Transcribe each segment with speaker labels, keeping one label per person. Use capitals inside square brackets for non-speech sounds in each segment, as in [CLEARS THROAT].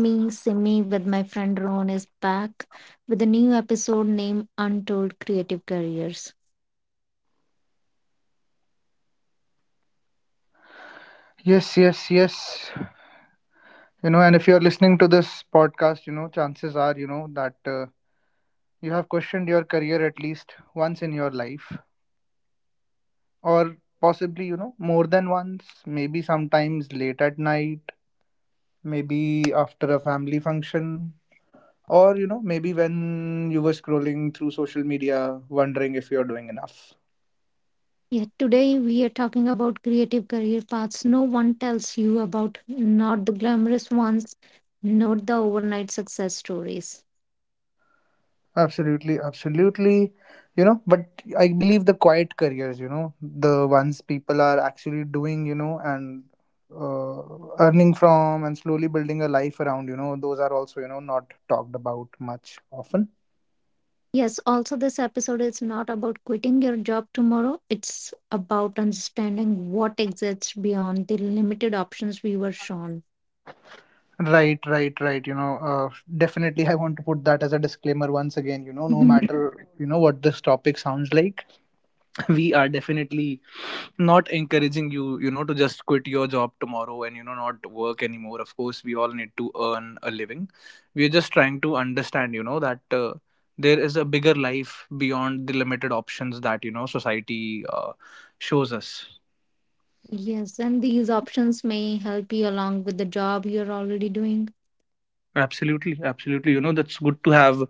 Speaker 1: Me, Simi, with my friend Ron, is back with a new episode named Untold Creative Careers.
Speaker 2: Yes, yes, yes. And if you're listening to this podcast, chances are, that you have questioned your career at least once in your life, or possibly, more than once, maybe sometimes late at night, maybe after a family function, or, maybe when you were scrolling through social media wondering if you're doing enough.
Speaker 1: Yeah, today we are talking about creative career paths no one tells you about, not the glamorous ones, not the overnight success stories.
Speaker 2: Absolutely, absolutely. But I believe the quiet careers, the ones people are actually doing, and earning from and slowly building a life around, those are also, not talked about much often.
Speaker 1: Yes, also, this episode is not about quitting your job tomorrow, it's about understanding what exists beyond the limited options we were shown.
Speaker 2: Right, right, right. Definitely I want to put that as a disclaimer once again, no
Speaker 1: [LAUGHS]
Speaker 2: matter, what this topic sounds like. [LAUGHS] We are definitely not encouraging you you know to just quit your job tomorrow, and not work anymore. Of course, we all need to earn a living. We're just trying to understand that there is a bigger life beyond the limited options that society shows us.
Speaker 1: Yes, and these options may help you along with the job you're already doing.
Speaker 2: Absolutely, absolutely. That's good to have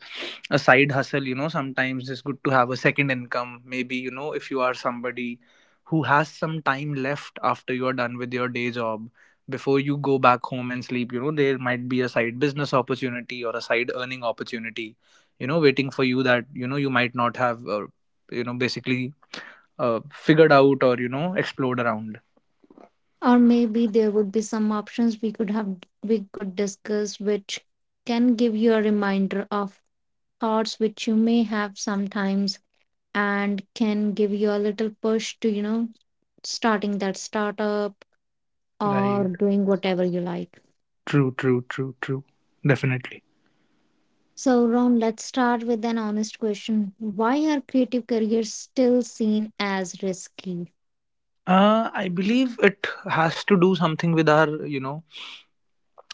Speaker 2: a side hustle. Sometimes it's good to have a second income. Maybe, if you are somebody who has some time left after you're done with your day job, before you go back home and sleep, there might be a side business opportunity or a side earning opportunity, waiting for you that, you might not have, basically figured out or, explored around.
Speaker 1: Or maybe there would be some options we could discuss which can give you a reminder of thoughts which you may have sometimes and can give you a little push to, starting that startup or
Speaker 2: Right.
Speaker 1: doing whatever you like.
Speaker 2: True, true, true, true. Definitely.
Speaker 1: So, Ron, let's start with an honest question. Why are creative careers still seen as risky?
Speaker 2: I believe it has to do something with our,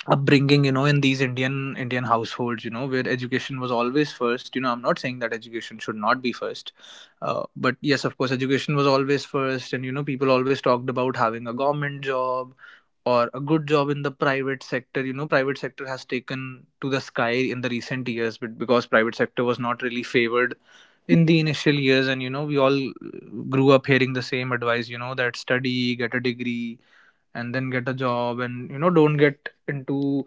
Speaker 2: upbringing, in these Indian households, where education was always first. I'm not saying that education should not be first, but yes, of course, education was always first, and people always talked about having a government job or a good job in the private sector. Private sector has taken to the sky in the recent years, but because private sector was not really favored in the initial years, and we all grew up hearing the same advice, that study, get a degree, and then get a job, and don't get into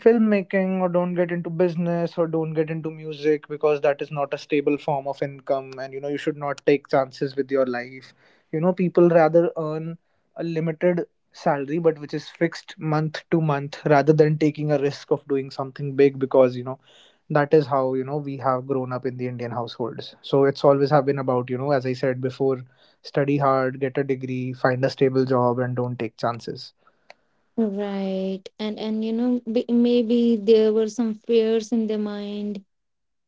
Speaker 2: filmmaking, or don't get into business, or don't get into music, because that is not a stable form of income. And you should not take chances with your life. People rather earn a limited salary, but which is fixed month to month, rather than taking a risk of doing something big, because that is how we have grown up in the Indian households. So it's always have been about, as I said before, study hard, get a degree, find a stable job, and don't take chances.
Speaker 1: Right. And you know maybe there were some fears in their mind,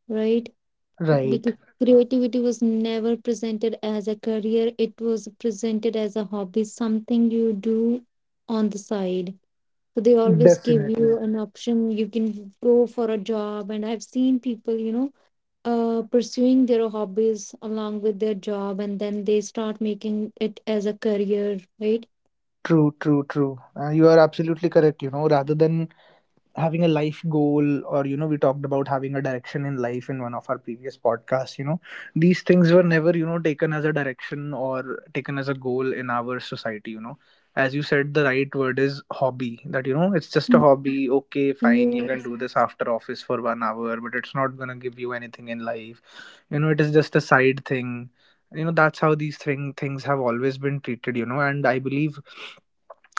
Speaker 1: right?
Speaker 2: Right.
Speaker 1: Because creativity was never presented as a career. It was presented as a hobby, something you do on the side. So they always give you
Speaker 2: Definitely.
Speaker 1: an option. You can go for a job. And I've seen people, you know, pursuing their hobbies along with their job, and then they start making it as a career, right?
Speaker 2: True, true, true. You are absolutely correct. Rather than having a life goal, or, we talked about having a direction in life in one of our previous podcasts, these things were never, taken as a direction or taken as a goal in our society. As you said, the right word is hobby, that, it's just a
Speaker 1: Mm.
Speaker 2: hobby. Okay, fine, you can
Speaker 1: Yes,
Speaker 2: do this after office for 1 hour, but it's not going to give you anything in life. It is just a side thing. That's how these things have always been treated. And I believe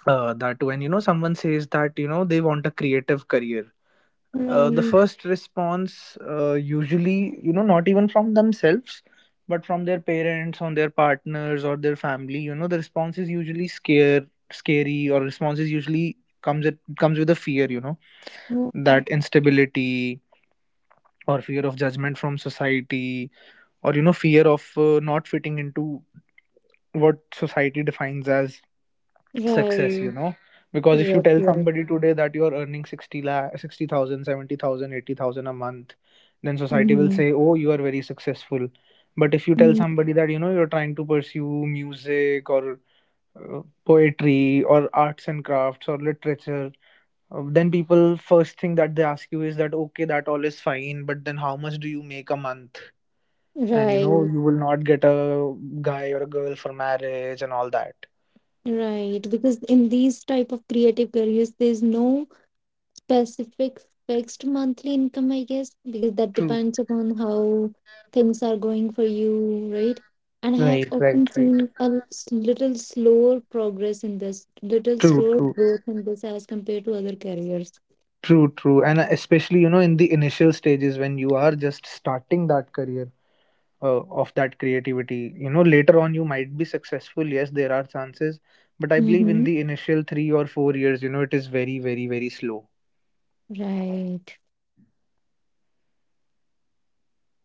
Speaker 2: that when someone says that they want a creative career, the
Speaker 1: right.
Speaker 2: first response, usually, not even from themselves but from their parents on their partners or their family, the response is usually scare scary, or response is usually comes it comes with a fear, that instability, or fear of judgment from society, or fear of, not fitting into what society defines as success.
Speaker 1: Right.
Speaker 2: Because if you
Speaker 1: Yes,
Speaker 2: tell
Speaker 1: yes.
Speaker 2: somebody today that you're earning 60 lakh, sixty thousand, seventy thousand, 80000 a month, then society will
Speaker 1: Mm-hmm.
Speaker 2: say, oh, you are very successful. But if you tell
Speaker 1: Mm,
Speaker 2: somebody that you're trying to pursue music, or poetry, or arts and crafts, or literature, then people, first thing that they ask you is that, okay, that all is fine, but then how much do you make a month? And
Speaker 1: right,
Speaker 2: you will not get a guy or a girl for marriage and all that.
Speaker 1: right. Because in these type of creative careers, there's no specific fixed monthly income, I guess, because that
Speaker 2: True.
Speaker 1: depends upon how things are going for you, right? And I have
Speaker 2: Right,
Speaker 1: often
Speaker 2: right, right.
Speaker 1: seen a little slower progress in this, little
Speaker 2: True,
Speaker 1: slower
Speaker 2: true,
Speaker 1: growth in this as compared to other careers.
Speaker 2: true, true. And especially, in the initial stages when you are just starting that career, of that creativity, later on you might be successful. Yes, there are chances. But I believe in
Speaker 1: Mm-hmm.
Speaker 2: the initial 3 or 4 years, it is very, very, very slow.
Speaker 1: Right.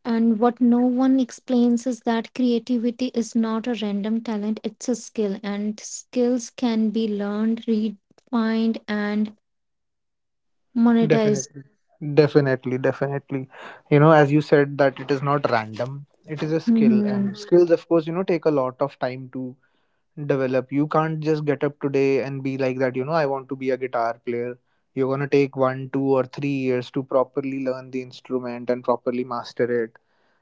Speaker 1: And what no one explains is that creativity is not a random talent, it's a skill, and skills can be learned, refined, and monetized.
Speaker 2: Definitely. Definitely, definitely. As you said, that it is not random, it is a skill. And
Speaker 1: Mhm.
Speaker 2: Skills, of course, take a lot of time to develop. You can't just get up today and be like that, I want to be a guitar player. You're going to take 1, 2, or 3 years to properly learn the instrument and properly master it,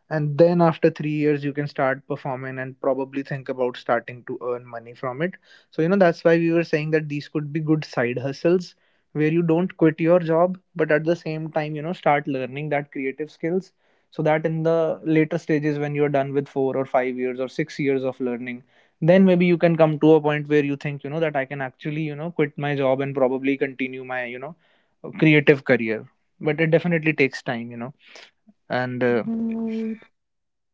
Speaker 2: and then after 3 years you can start performing and probably think about starting to earn money from it. So that's why we were saying that these could be good side hustles, where you don't quit your job, but at the same time start learning that creative skills, so that in the later stages when you're done with 4 or 5 years or 6 years of learning, then maybe you can come to a point where you think that I can actually quit my job and probably continue my, creative career. But it definitely takes time, and uh,
Speaker 1: Right.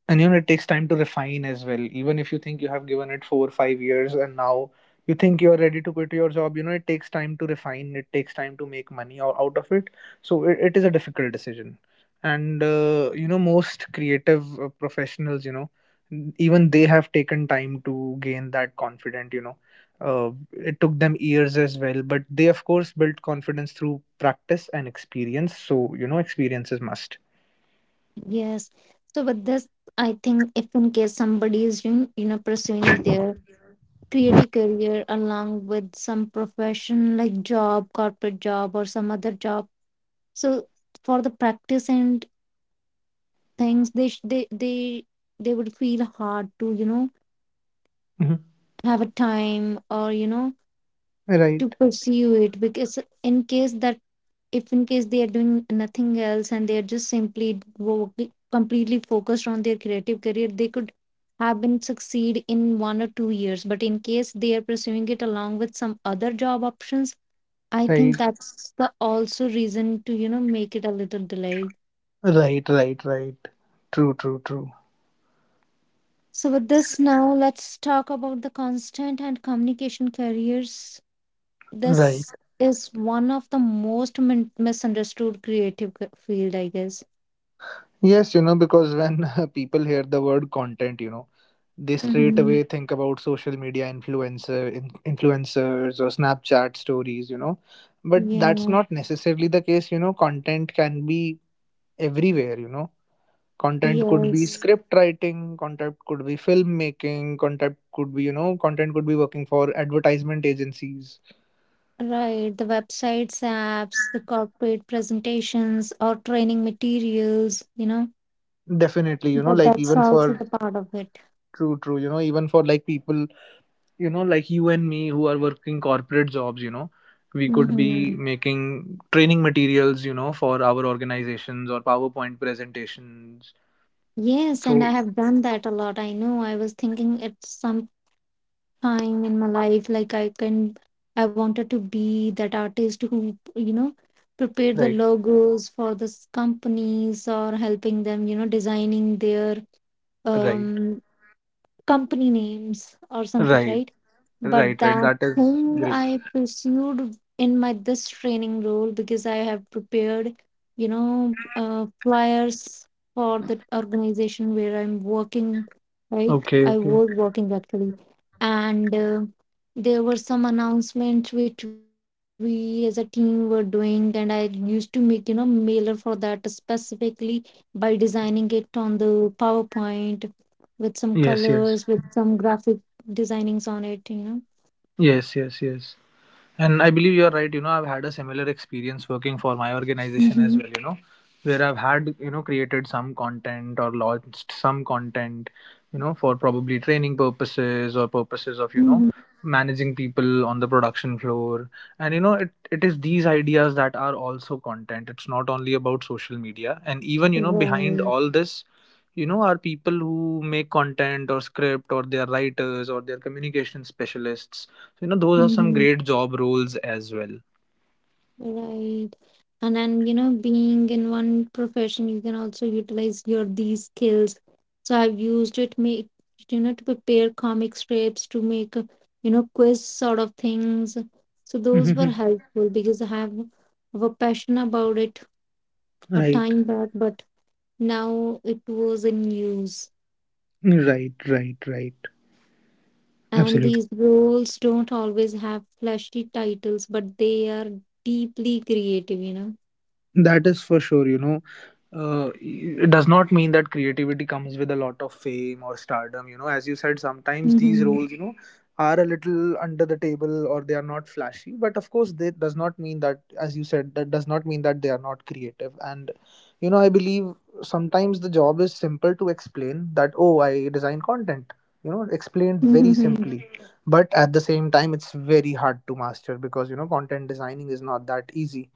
Speaker 2: and it takes time to refine as well. Even if you think you have given it 4 or 5 years and now you think you are ready to quit your job, it takes time to refine, it takes time to make money out of it. So it is a difficult decision. And most creative professionals, even they have taken time to gain that confidence, it took them years as well, but they of course built confidence through practice and experience. So experience is must.
Speaker 1: Yes. So, with this, I think if in case somebody is doing, you know, pursuing their creative career along with some profession like job, corporate job, or some other job, so for the practice and things, they they would feel hard to you know
Speaker 2: Mhm.
Speaker 1: have a time or you know to
Speaker 2: Right,
Speaker 1: pursue it because in case that if in case they are doing nothing else and they are just simply completely focused on their creative career they could have been succeed in 1 or 2 years, but in case they are pursuing it along with some other job options, I think
Speaker 2: right.
Speaker 1: that's the also reason to, you know, make it a little delay.
Speaker 2: Right, right, right. True, true, true.
Speaker 1: So with this, now let's talk about the constant and communication careers.
Speaker 2: Right.
Speaker 1: This is one of the most misunderstood creative field, I guess.
Speaker 2: Yes, because when [LAUGHS] people hear the word content, they straight
Speaker 1: Mm-hmm.
Speaker 2: away think about social media influencers or Snapchat stories. But that's
Speaker 1: Yeah.
Speaker 2: not necessarily the case. Content can be everywhere. Content could be
Speaker 1: Yes.
Speaker 2: script writing, content could be filmmaking, content could be working for advertisement agencies.
Speaker 1: Right. The websites, apps, the corporate presentations, or training materials, you know,
Speaker 2: Definitely.
Speaker 1: but
Speaker 2: Like,
Speaker 1: that's
Speaker 2: even
Speaker 1: also
Speaker 2: for
Speaker 1: the part of it.
Speaker 2: true, true, even for like people, like you and me who are working corporate jobs, we could be
Speaker 1: Mm-hmm.
Speaker 2: making training materials, for our organizations or PowerPoint presentations.
Speaker 1: Yes, and
Speaker 2: So,
Speaker 1: I have done that a lot. I know I was thinking it's some time in my life like I can, I wanted to be that artist who, you know, prepare the
Speaker 2: right,
Speaker 1: logos for this companies or helping them, you know, designing their
Speaker 2: right,
Speaker 1: um, company names or something,
Speaker 2: right,
Speaker 1: right? But
Speaker 2: right, right,
Speaker 1: that
Speaker 2: that is
Speaker 1: thing
Speaker 2: great.
Speaker 1: I pursued in my this training role because I have prepared, you know, flyers for the organization where I'm working, right, I
Speaker 2: Okay,
Speaker 1: was
Speaker 2: okay.
Speaker 1: working actually. And there were some announcements which we as a team were doing and I used to make, you know, mailer for that specifically by designing it on the PowerPoint with some
Speaker 2: Yes, yes,
Speaker 1: colors with some graphic designings on it, you know.
Speaker 2: yes, yes, yes. And I believe you're right. I've had a similar experience working for my organization as
Speaker 1: Mhm.
Speaker 2: well, where I've had, created some content or launched some content, for probably training purposes or purposes of,
Speaker 1: Mhm.
Speaker 2: managing people on the production floor. And, it is these ideas that are also content. It's not only about social media. And even, behind
Speaker 1: Right.
Speaker 2: all this, are people who make content or script, or they're writers or they're communication specialists. So, those are some
Speaker 1: Mhm.
Speaker 2: great job roles as well. [LAUGHS]
Speaker 1: Right. And then, you know, being in one profession, you can also utilize your these skills. So I've used it make, you know, to prepare comic strips, to make you know quiz sort of things. So those were
Speaker 2: Mhm.
Speaker 1: helpful because I have a passion about it a
Speaker 2: Right,
Speaker 1: time back, but now it was in use.
Speaker 2: right, right, right.
Speaker 1: And
Speaker 2: Absolutely.
Speaker 1: these roles don't always have flashy titles, but they are deeply creative, you know.
Speaker 2: That is for sure. It does not mean that creativity comes with a lot of fame or stardom, you know. As you said, sometimes these
Speaker 1: Mm-hmm.
Speaker 2: roles, you
Speaker 1: [LAUGHS]
Speaker 2: know, are a little under the table or they are not flashy, but of course that does not mean, that as you said, that does not mean that they are not creative. And you know, I believe sometimes the job is simple to explain, that oh, I design content, you know, explained very
Speaker 1: Mm-hmm.
Speaker 2: simply. But at the same time, it's very hard to master, because you know, content designing is not that easy,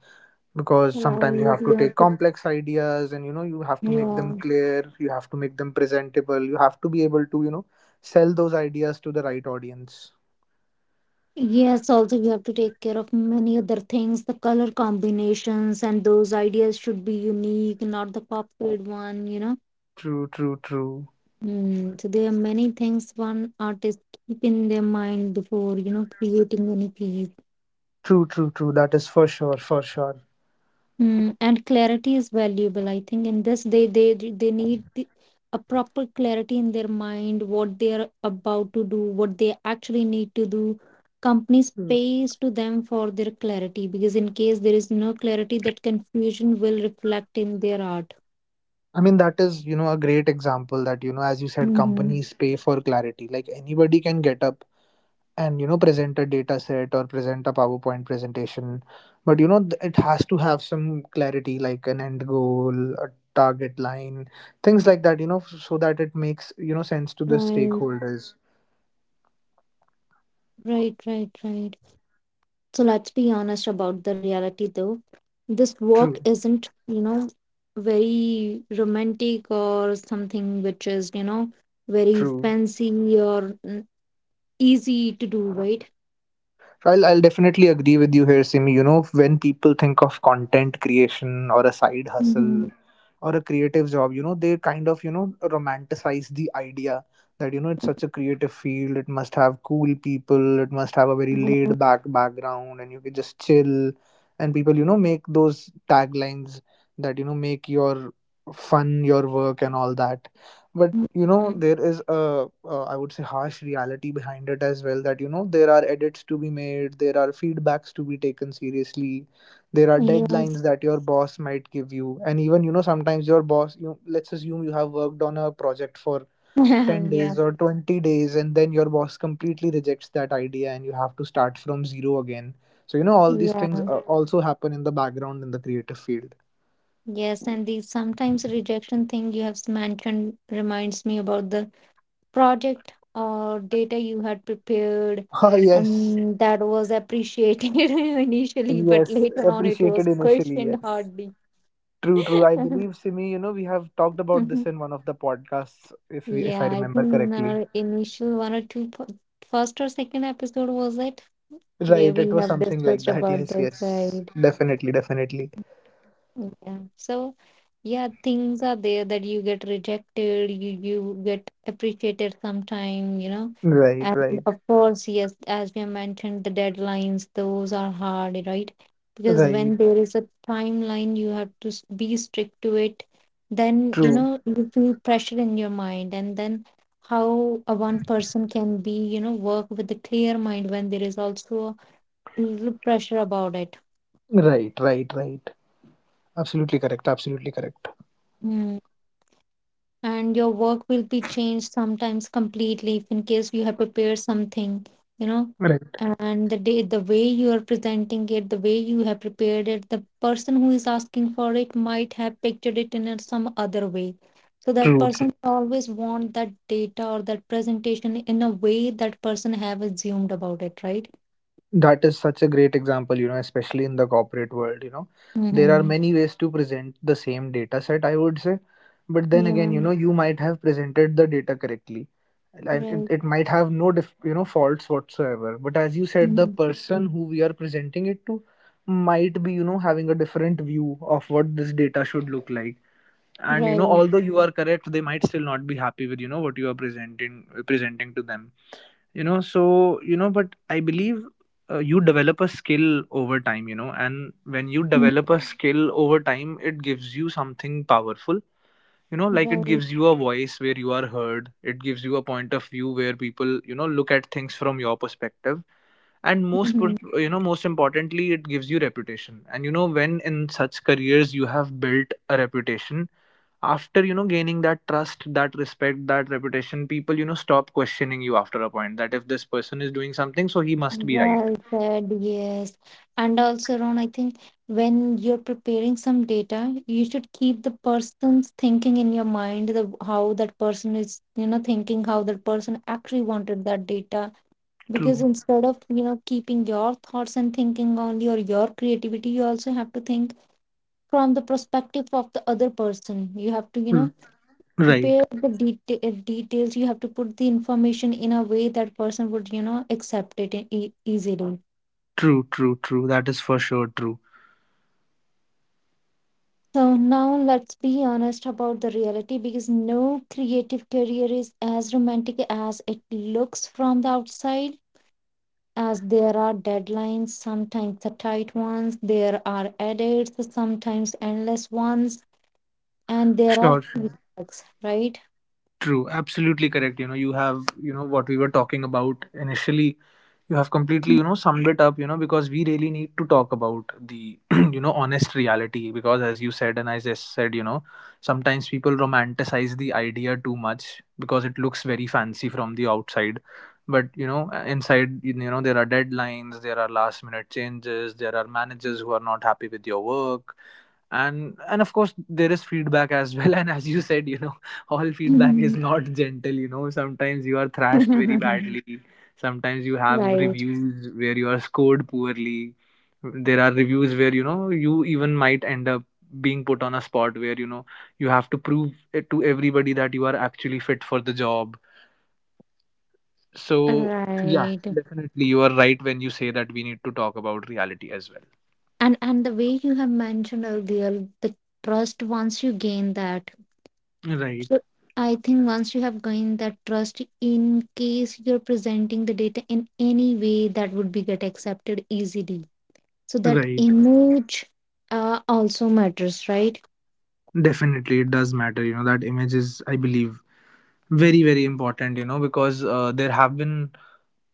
Speaker 2: because sometimes you have
Speaker 1: Right,
Speaker 2: to
Speaker 1: you
Speaker 2: take
Speaker 1: have to,
Speaker 2: complex ideas and you know, you have to make them
Speaker 1: yeah.
Speaker 2: clear, you have to make them presentable, you have to be able to, you know, sell those ideas to the right audience.
Speaker 1: Yes, also you have to take care of many other things, the color combinations, and those ideas should be unique, not the copied one, you know.
Speaker 2: True, true, true,
Speaker 1: Mm, so there are many things one artist keep in their mind before, you know, creating any piece.
Speaker 2: true, true, true, that is for sure, for sure.
Speaker 1: Mm, and clarity is valuable. I think in this they need a proper clarity in their mind, what they are about to do, what they actually need to do. Companies
Speaker 2: Mm.
Speaker 1: pays to them for their clarity because in case there is no clarity, that confusion will reflect in their art.
Speaker 2: I mean, that is, you know, a great example that, you know, as you said,
Speaker 1: Mm-hmm.
Speaker 2: companies pay for clarity. Like, anybody can get up and, you know, present a data set or present a PowerPoint presentation, but you know, it has to have some clarity, like an end goal, a target line, things like that, you know, so that it makes, you know, sense to the
Speaker 1: Right.
Speaker 2: stakeholders.
Speaker 1: Right, right, right. So let's be honest about the reality though. This walk
Speaker 2: True,
Speaker 1: isn't, you know, very romantic or something which is, you know, very
Speaker 2: true.
Speaker 1: fancy or easy to do, right?
Speaker 2: So I'll definitely agree with you here, Simi. You know, when people think of content creation or a side
Speaker 1: Mm-hmm.
Speaker 2: hustle or a creative job, you know, they kind of, you know, romanticize the idea, that you know, it's such a creative field, it must have cool people, it must have a very laid back background and you can just chill, and people, you know, make those taglines, that you know, make your fun your work and all that. But you know, there is a I would say, harsh reality behind it as well, that you know, there are edits to be made, there are feedbacks to be taken seriously, there are
Speaker 1: Yes.
Speaker 2: deadlines that your boss might give you. And even, you know, sometimes your boss, you, let's assume you have worked on a project for 10
Speaker 1: [LAUGHS] Yeah.
Speaker 2: days or 20 days and then your boss completely rejects that idea and you have to start from zero again. So you know, all these things
Speaker 1: Yeah.
Speaker 2: also happen in the background in the creative field.
Speaker 1: Yes. And the sometimes rejection thing you have mentioned reminds me about the project or data you had prepared
Speaker 2: [LAUGHS] Oh yes.
Speaker 1: and that was appreciated [LAUGHS] initially, but
Speaker 2: Yes,
Speaker 1: later on it was
Speaker 2: appreciated initially,
Speaker 1: questioned
Speaker 2: yes.
Speaker 1: hardly.
Speaker 2: True, true, I
Speaker 1: [LAUGHS]
Speaker 2: believe, Simi, you know, we have talked about this in one of the podcasts, if we, if I
Speaker 1: Yeah, I
Speaker 2: remember
Speaker 1: think in
Speaker 2: correctly.
Speaker 1: our initial one or two first or second episode was it, where
Speaker 2: Right,
Speaker 1: we
Speaker 2: it was
Speaker 1: have
Speaker 2: something like
Speaker 1: discussed
Speaker 2: that,
Speaker 1: about
Speaker 2: yes,
Speaker 1: this,
Speaker 2: yes.
Speaker 1: right?
Speaker 2: Definitely, definitely.
Speaker 1: Yeah, so yeah, things are there that you get rejected, you get appreciated sometime, you know.
Speaker 2: Right,
Speaker 1: And
Speaker 2: right,
Speaker 1: of course, yes, as we have mentioned, the deadlines, those are hard, right? Because
Speaker 2: right.
Speaker 1: when there is a timeline you have to be strict to it, then you
Speaker 2: True.
Speaker 1: know you feel pressure in your mind, and then how a one person can be, you know, work with a clear mind when there is also a little pressure about it.
Speaker 2: Right, right, right. Absolutely correct. Absolutely correct.
Speaker 1: Hmm. And your work will be changed sometimes completely if in case you have prepared something, you know,
Speaker 2: Right.
Speaker 1: and the way you are presenting it, the way you have prepared it, the person who is asking for it might have pictured it in a some other way, so that
Speaker 2: True, true.
Speaker 1: person always want that data or that presentation in a way that person have assumed about it, right?
Speaker 2: That is such a great example, you know, especially in the corporate world, you know. There are
Speaker 1: Mm-hmm.
Speaker 2: many ways to present the same data set, I would say. But then again,
Speaker 1: Yeah,
Speaker 2: you know, you might have presented the data correctly. And it,
Speaker 1: right.
Speaker 2: it might have no, you know, faults whatsoever. But as you said, the
Speaker 1: Mhm.
Speaker 2: person who we are presenting it to might be, you know, having a different view of what this data should look like. And you know,
Speaker 1: Right.
Speaker 2: although you are correct, they might still not be happy with, you know, what you are presenting, presenting to them, you know. So you know, but I believe, you develop a skill over time, you know, and when you
Speaker 1: Mhm.
Speaker 2: develop a skill over time, it gives you something powerful, you know. Like, it
Speaker 1: Right.
Speaker 2: gives you a voice where you are heard, it gives you a point of view where people, you know, look at things from your perspective. And
Speaker 1: Mhm.
Speaker 2: you know, most importantly, it gives you reputation. And you know, when in such careers you have built a reputation, after you know, gaining that trust, that respect, that reputation, people, you know, stop questioning you after a point, that if this person is doing something, so he must be right.
Speaker 1: Well said, yes. And also, Ron, I think when you're preparing some data, you should keep the person's thinking in your mind, the how that person is, you know, thinking how that person actually wanted that data. Because
Speaker 2: True.
Speaker 1: instead of, you know, keeping your thoughts and thinking only or your creativity, you also have to think from the perspective of the other person. You have to, you
Speaker 2: Mm,
Speaker 1: know,
Speaker 2: right.
Speaker 1: prepare the detail details. You have to put the information in a way that person would, you know, accept it easily.
Speaker 2: True, true, true, that is for sure, true.
Speaker 1: So now let's be honest about the reality because no creative career is as romantic as it looks from the outside, as there are deadlines, sometimes the tight ones, there are edits, sometimes endless ones, and there are
Speaker 2: Sure, sure.
Speaker 1: feedbacks, right?
Speaker 2: True, absolutely correct. You know, you have, you know, what we were talking about initially, you have completely, you know, summed it up, you know, because we really need to talk about the [CLEARS THROAT] you know, honest reality, because as you said, and as I just said, you know, sometimes people romanticize the idea too much because it looks very fancy from the outside. But you know, inside, you know, there are deadlines, there are last minute changes, there are managers who are not happy with your work. And of course, there is feedback as well. [LAUGHS] And as you said, you know, all feedback is
Speaker 1: Mhm.
Speaker 2: not gentle, you know, sometimes you are thrashed very
Speaker 1: [LAUGHS]
Speaker 2: badly. Sometimes you have
Speaker 1: Right,
Speaker 2: reviews where you are scored poorly, there are reviews where, you know, you even might end up being put on a spot where, you know, you have to prove it to everybody that you are actually fit for the job. So, yeah,
Speaker 1: right.
Speaker 2: definitely you are right when you say that we need to talk about reality as
Speaker 1: And the way you have mentioned earlier, the trust once you gain that.
Speaker 2: well. Right,
Speaker 1: So I think once you have gained that trust, in case you're presenting the data in any way that would be get accepted easily. So that
Speaker 2: right.
Speaker 1: image also matters, right?
Speaker 2: Definitely, it does matter. You know, that image is, I believe, very, very important, you know, because there have been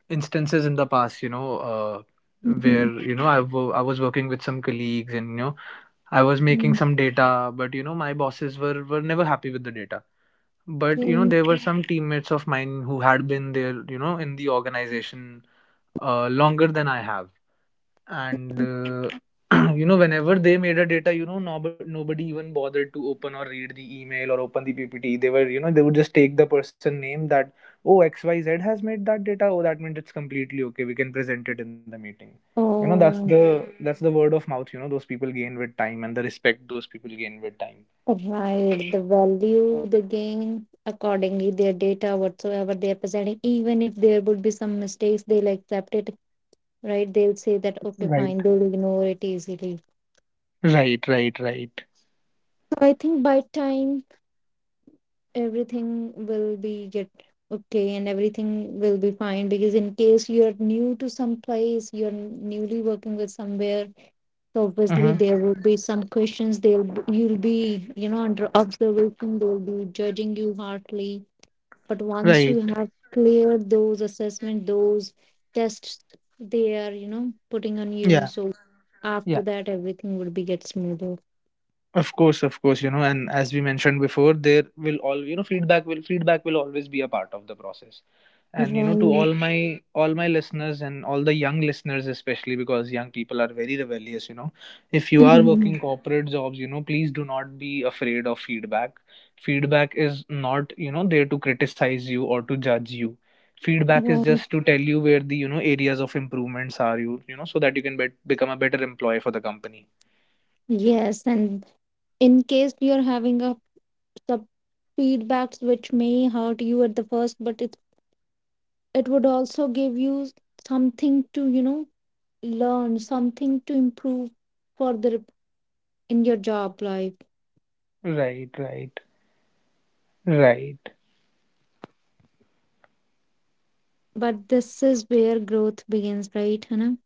Speaker 2: instances in the past, you know,
Speaker 1: Mhm.
Speaker 2: where, you know, I I was working with some colleagues and, you know, I was making
Speaker 1: Mm,
Speaker 2: some data, but, you know, my bosses were never happy with the data. But, you know,
Speaker 1: thank
Speaker 2: there were some teammates of mine who had been there, you know, in the organization longer than I have. And
Speaker 1: you.
Speaker 2: [CLEARS THROAT] you know, whenever they made a data, you know, nobody even bothered to open or read the email or open the PPT they were, you know, they would just take the person name, that oh, XYZ has made that data, oh, that means it's completely okay, we can present it in the meeting. You know, that's
Speaker 1: Oh,
Speaker 2: the, that's the word of mouth, you know, those people gain with time, and the respect those people gain with time.
Speaker 1: right. The value they gain accordingly, their data, whatsoever they're presenting, even if there would be some mistakes, they'll accept it, right? They'll say that, okay,
Speaker 2: Right,
Speaker 1: fine, they'll ignore it easily.
Speaker 2: right, right, right.
Speaker 1: So I think by time everything will be get okay and everything will be fine because in case you're new to some place, you're newly working with somewhere, so obviously
Speaker 2: Uh-huh.
Speaker 1: there would be some questions, they'll you'll be, you know, under observation, they'll be judging you harshly. But once
Speaker 2: Right.
Speaker 1: you have cleared those assessment, those tests they are, you know, putting on you,
Speaker 2: Yeah.
Speaker 1: so after
Speaker 2: Yeah.
Speaker 1: that everything would be get smoother,
Speaker 2: Of course, you know, and as we mentioned before, there will, all you know, feedback will, feedback will always be a part of the process. And you know, to
Speaker 1: right?
Speaker 2: all my, all my listeners and all the young listeners, especially because young people are very rebellious, you know. If you are working
Speaker 1: [LAUGHS]
Speaker 2: corporate jobs, you know, please do not be afraid of feedback. Feedback is not, you know, there to criticize you or to judge you. Feedback is
Speaker 1: Right.
Speaker 2: just to tell you where the, you know, areas of improvements are, you know, so that you can bet become a better employee for the company.
Speaker 1: Yes, and in case you're having a sub feedbacks which may hurt you at the first, but it would also give you something to, you know, learn, something to improve further in your job life.
Speaker 2: Right, right. Right.
Speaker 1: But this is where growth begins, right, Hannah?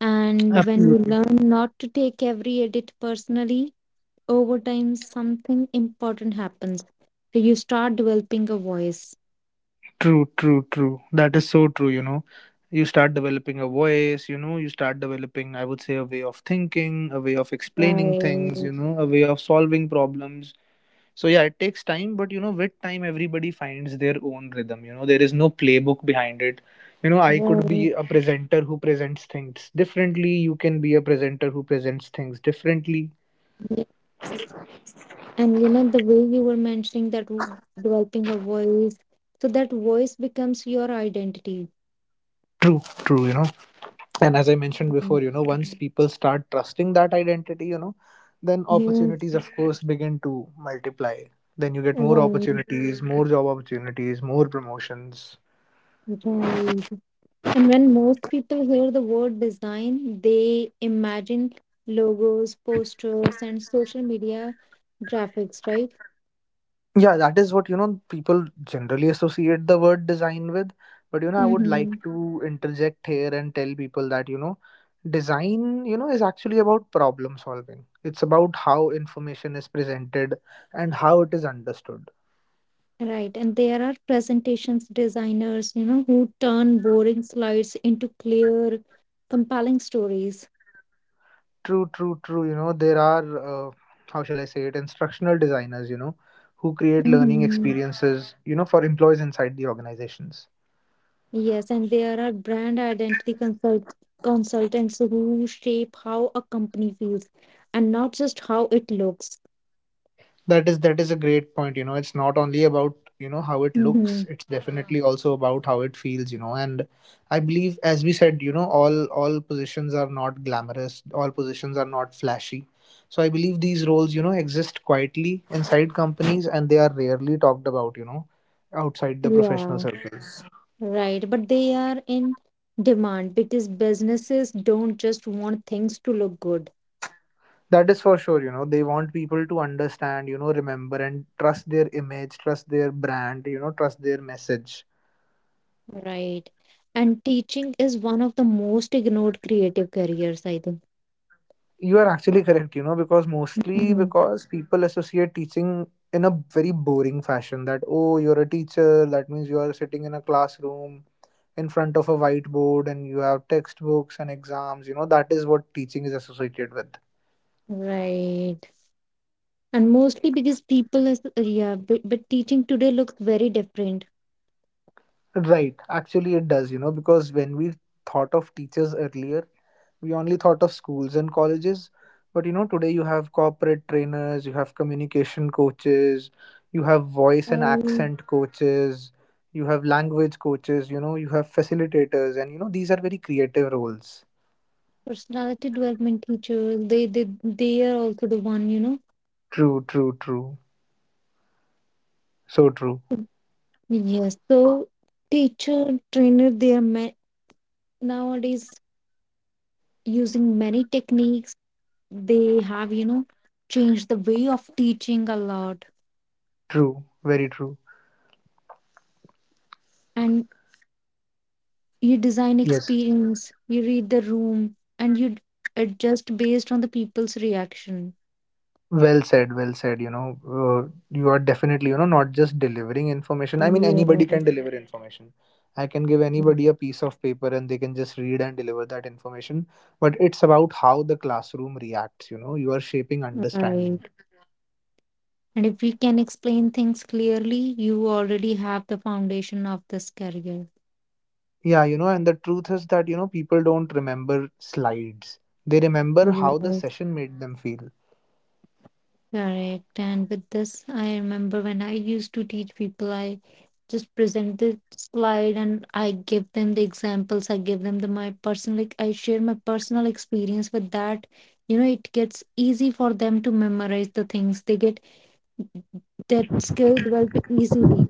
Speaker 1: And when you
Speaker 2: Absolutely.
Speaker 1: learn not to take every edit personally, over time something important happens, so you start developing a voice,
Speaker 2: True, true, true. That is so true, you know. You start developing a voice, you know, you start developing, I would say, a way of thinking, a way of explaining
Speaker 1: right,
Speaker 2: things, you know, a way of solving problems. So, yeah, it takes time, but, you know, with time, everybody finds their own rhythm. You know, there is no playbook behind it. You know, I could
Speaker 1: right,
Speaker 2: be a presenter who presents things differently. You can be a presenter who presents things differently.
Speaker 1: yes. And you know, the way you were mentioning that developing a voice, so that voice becomes your identity.
Speaker 2: True, true, you know. And as I mentioned
Speaker 1: Mm.
Speaker 2: before, you know, once people start trusting that identity, you know, then
Speaker 1: Yes,
Speaker 2: opportunities, of course, begin to multiply. Then you get more
Speaker 1: right,
Speaker 2: opportunities, more job opportunities, more promotions.
Speaker 1: right. And when most people hear the word design, they imagine logos, posters, and social media graphics, right?
Speaker 2: Yeah, that is what, you know, people generally associate the word design with. But you know, I would like
Speaker 1: Mm-hmm.
Speaker 2: to interject here and tell people that, you know, design, you know, is actually about problem solving. It's about how information is presented and how it is understood.
Speaker 1: Right. And there are presentations designers, you know, who turn boring slides into clear, compelling stories.
Speaker 2: True, true, true. You know, there are, how shall I say it, instructional designers, you know, who create learning
Speaker 1: Mm-hmm.
Speaker 2: experiences, you know, for employees inside the organizations.
Speaker 1: Yes, and there are brand identity consultants who shape how a company feels and not just how it looks.
Speaker 2: That is, that is a great point, you know. It's not only about, you know, how it looks,
Speaker 1: Hmm.
Speaker 2: it's definitely also about how it feels, you know. And I believe, as we said, you know, all positions are not glamorous, all positions are not flashy. So I believe these roles, you know, exist quietly inside companies and they are rarely talked about, you know, outside the professional
Speaker 1: Yeah,
Speaker 2: circles.
Speaker 1: right. But they are in demand because businesses don't just want things to look good,
Speaker 2: That is for sure, you know. They want people to understand, you know, remember and trust their image, trust their brand, you know, trust their message.
Speaker 1: right? And teaching is one of the most ignored creative careers, I think.
Speaker 2: You are actually correct, you know, because mostly
Speaker 1: Hmm.
Speaker 2: because people associate teaching in a very boring fashion, that oh, you're a teacher, that means you are sitting in a classroom in front of a whiteboard and you have textbooks and exams, you know, that is what teaching is associated with.
Speaker 1: Right. And mostly because people is, yeah, but teaching today looks very different.
Speaker 2: Right, actually, it does, you know, because when we thought of teachers earlier, we only thought of schools and colleges. But you know, today you have corporate trainers, you have communication coaches, you have voice and
Speaker 1: Um,
Speaker 2: accent coaches, you have language coaches, you know, you have facilitators, and you know, these are very creative roles.
Speaker 1: personality development teachers they they are also the one, you know.
Speaker 2: True, true, true, so true.
Speaker 1: Yes, so teacher, trainer, they are nowadays using many techniques, they have, you know, changed the way of teaching a lot.
Speaker 2: True, very true.
Speaker 1: And you design
Speaker 2: Yes.
Speaker 1: experience, you read the room, and you adjust based on the people's reaction,
Speaker 2: Well said, well said. You know, you are definitely, you know, not just delivering information. I mean, anybody
Speaker 1: yes,
Speaker 2: can deliver information. I can give anybody a piece of paper and they can just read and deliver that information. But it's about how the classroom reacts, you know, you are shaping understanding.
Speaker 1: right. And if we can explain things clearly, you already have the foundation of this career.
Speaker 2: Yeah, you know, and the truth is that, you know, people don't remember slides, they remember how the
Speaker 1: Yes,
Speaker 2: session made them feel.
Speaker 1: correct. And with this, I remember when I used to teach people, I just present the slide and I give them the examples. I give them the my personal, like I share my personal experience with that. You know, it gets easy for them to memorize the things. They get that skill developed easily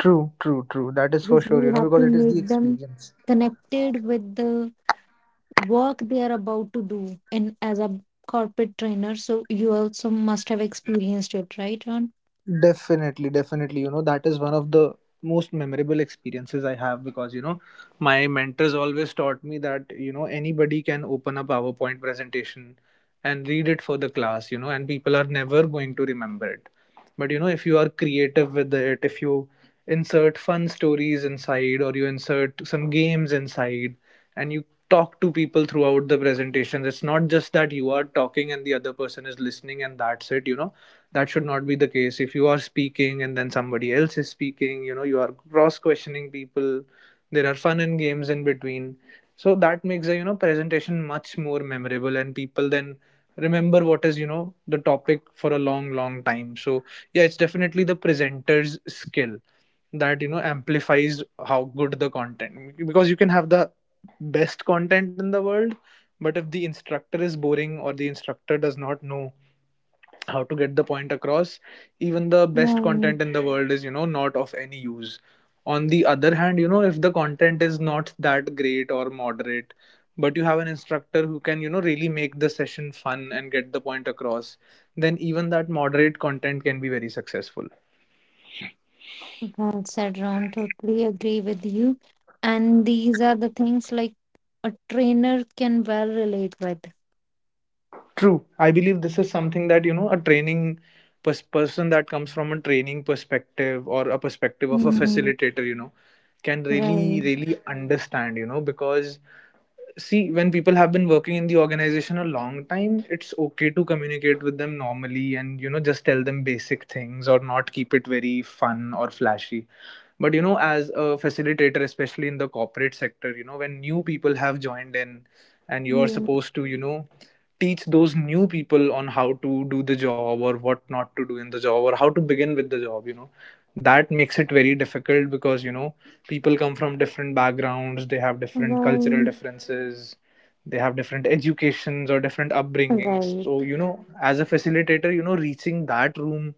Speaker 2: True, true, true. That is for
Speaker 1: because
Speaker 2: sure,
Speaker 1: we
Speaker 2: you know,
Speaker 1: have
Speaker 2: because
Speaker 1: to
Speaker 2: it is the
Speaker 1: make them
Speaker 2: experience.
Speaker 1: connected with the work they are about to do. And as a corporate trainer, so you also must have experienced it, right, Ron?
Speaker 2: Definitely, definitely. That is one of the most memorable experiences I have because, my mentors always taught me that, anybody can open a PowerPoint presentation and read it for the class, and people are never going to remember it. But, if you are creative with it, if you insert fun stories inside or you insert some games inside and you talk to people throughout the presentations, it's not just that you are talking and the other person is listening and that's it. That should not be the case. If you are speaking and then somebody else is speaking, you are cross questioning people, there are fun and games in between. So that makes a presentation much more memorable, and people then remember what is the topic for a long, long time. So, yeah, it's definitely the presenter's skill that amplifies how good the content. Because you can have the best content in the world, but if the instructor is boring or the instructor does not know how to get the point across, even the best
Speaker 1: Right.
Speaker 2: content in the world is not of any use. On the other hand, if the content is not that great or moderate, but you have an instructor who can really make the session fun and get the point across, then even that moderate content can be very successful.
Speaker 1: Well said, Ron. Totally agree with you. And these are the things like a trainer can well relate with.
Speaker 2: True. I believe this is something that, a training person that comes from a training perspective or a perspective of a
Speaker 1: Mhm.
Speaker 2: facilitator, can really,
Speaker 1: Right.
Speaker 2: really understand, because see, when people have been working in the organization a long time, it's okay to communicate with them normally and, just tell them basic things or not keep it very fun or flashy. But, as a facilitator, especially in the corporate sector, when new people have joined in and you're
Speaker 1: Yeah.
Speaker 2: supposed to, teach those new people on how to do the job or what not to do in the job or how to begin with the job. That makes it very difficult because people come from different backgrounds, they have different cultural
Speaker 1: Right.
Speaker 2: differences, they have different educations or different upbringings.
Speaker 1: Right.
Speaker 2: So as a facilitator, reaching that room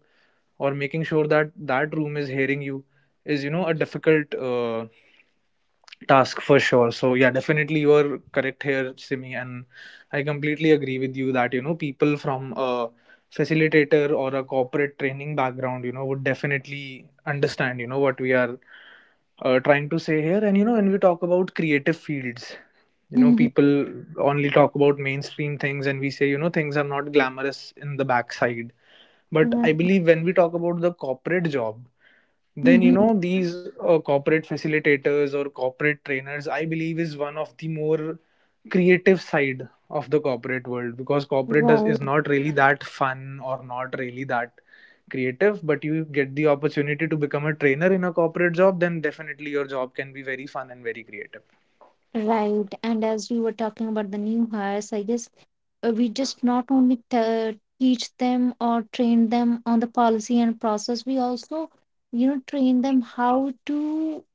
Speaker 2: or making sure that that room is hearing you is a difficult task for sure. So, yeah, definitely you are correct here, Simi. And I completely agree with you that people from a facilitator or a corporate training background would definitely understand what we are trying to say here. And when we talk about creative fields,
Speaker 1: Mhm.
Speaker 2: people only talk about mainstream things, and we say things are not glamorous in the backside. But I
Speaker 1: Right.
Speaker 2: believe when we talk about the corporate job, then
Speaker 1: Mhm.
Speaker 2: these corporate facilitators or corporate trainers, I believe, is one of the more creative side of the corporate world. Because corporate does, is
Speaker 1: Right.
Speaker 2: not really that fun or not really that creative. But you get the opportunity to become a trainer in a corporate job, then definitely your job can be very fun and very creative.
Speaker 1: Right. And as we were talking about the new hires, I guess we just not only teach them or train them on the policy and process, we also, you know, train them how to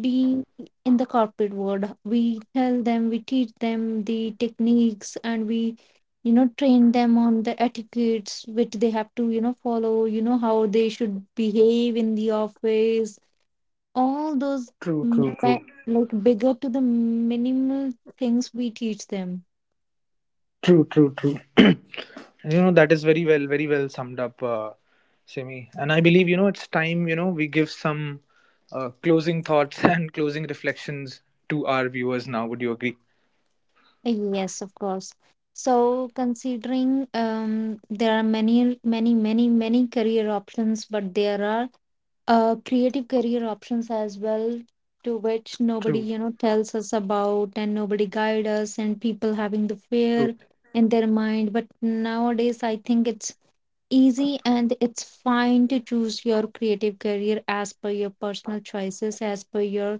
Speaker 1: be in the corporate world, we tell them, we teach them the techniques, and we, you know, train them on the etiquettes which they have to, you know, follow, you know, how they should behave in the office, all
Speaker 2: True,
Speaker 1: those
Speaker 2: true, true.
Speaker 1: m- ba- like bigger to the minimal things we teach them.
Speaker 2: True, true, true. [CLEARS THROAT] That is very well, very well summed up, Simi. And I believe, it's time, we give some closing thoughts [LAUGHS] and closing reflections to our viewers now. Would you agree?
Speaker 1: Yes, of course. So considering um, there are many many many many career options, but there are creative career options as well to which nobody,
Speaker 2: True,
Speaker 1: you know, tells us about, and nobody guide us, and people having the
Speaker 2: true.
Speaker 1: fear in their mind, but nowadays I think it's easy and it's fine to choose your creative career as per your personal choices, as per your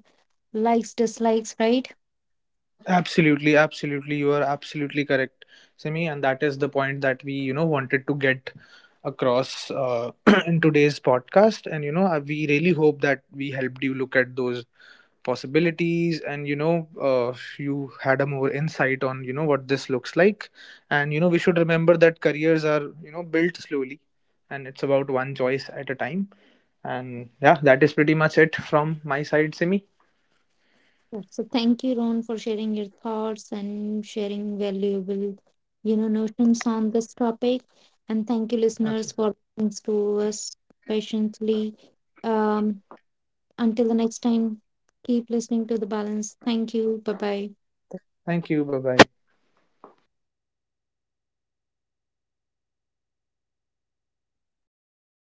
Speaker 1: likes, dislikes, right?
Speaker 2: Absolutely, absolutely. You are absolutely correct, Simi. And that is the point that we, wanted to get across [CLEARS THROAT] in today's podcast. And, we really hope that we helped you look at those possibilities, and you had a more insight on what this looks like. And we should remember that careers are built slowly, and it's about one choice at a time. And, yeah, that is pretty much it from my side, Simi.
Speaker 1: So thank you, Ron, for sharing your thoughts and sharing valuable, you know, notions on this topic. And thank you, listeners,
Speaker 2: Absolutely.
Speaker 1: for listening to us patiently. Um, until the next time, keep listening to The Balance. Thank you. Bye bye.
Speaker 2: Thank you. Bye bye.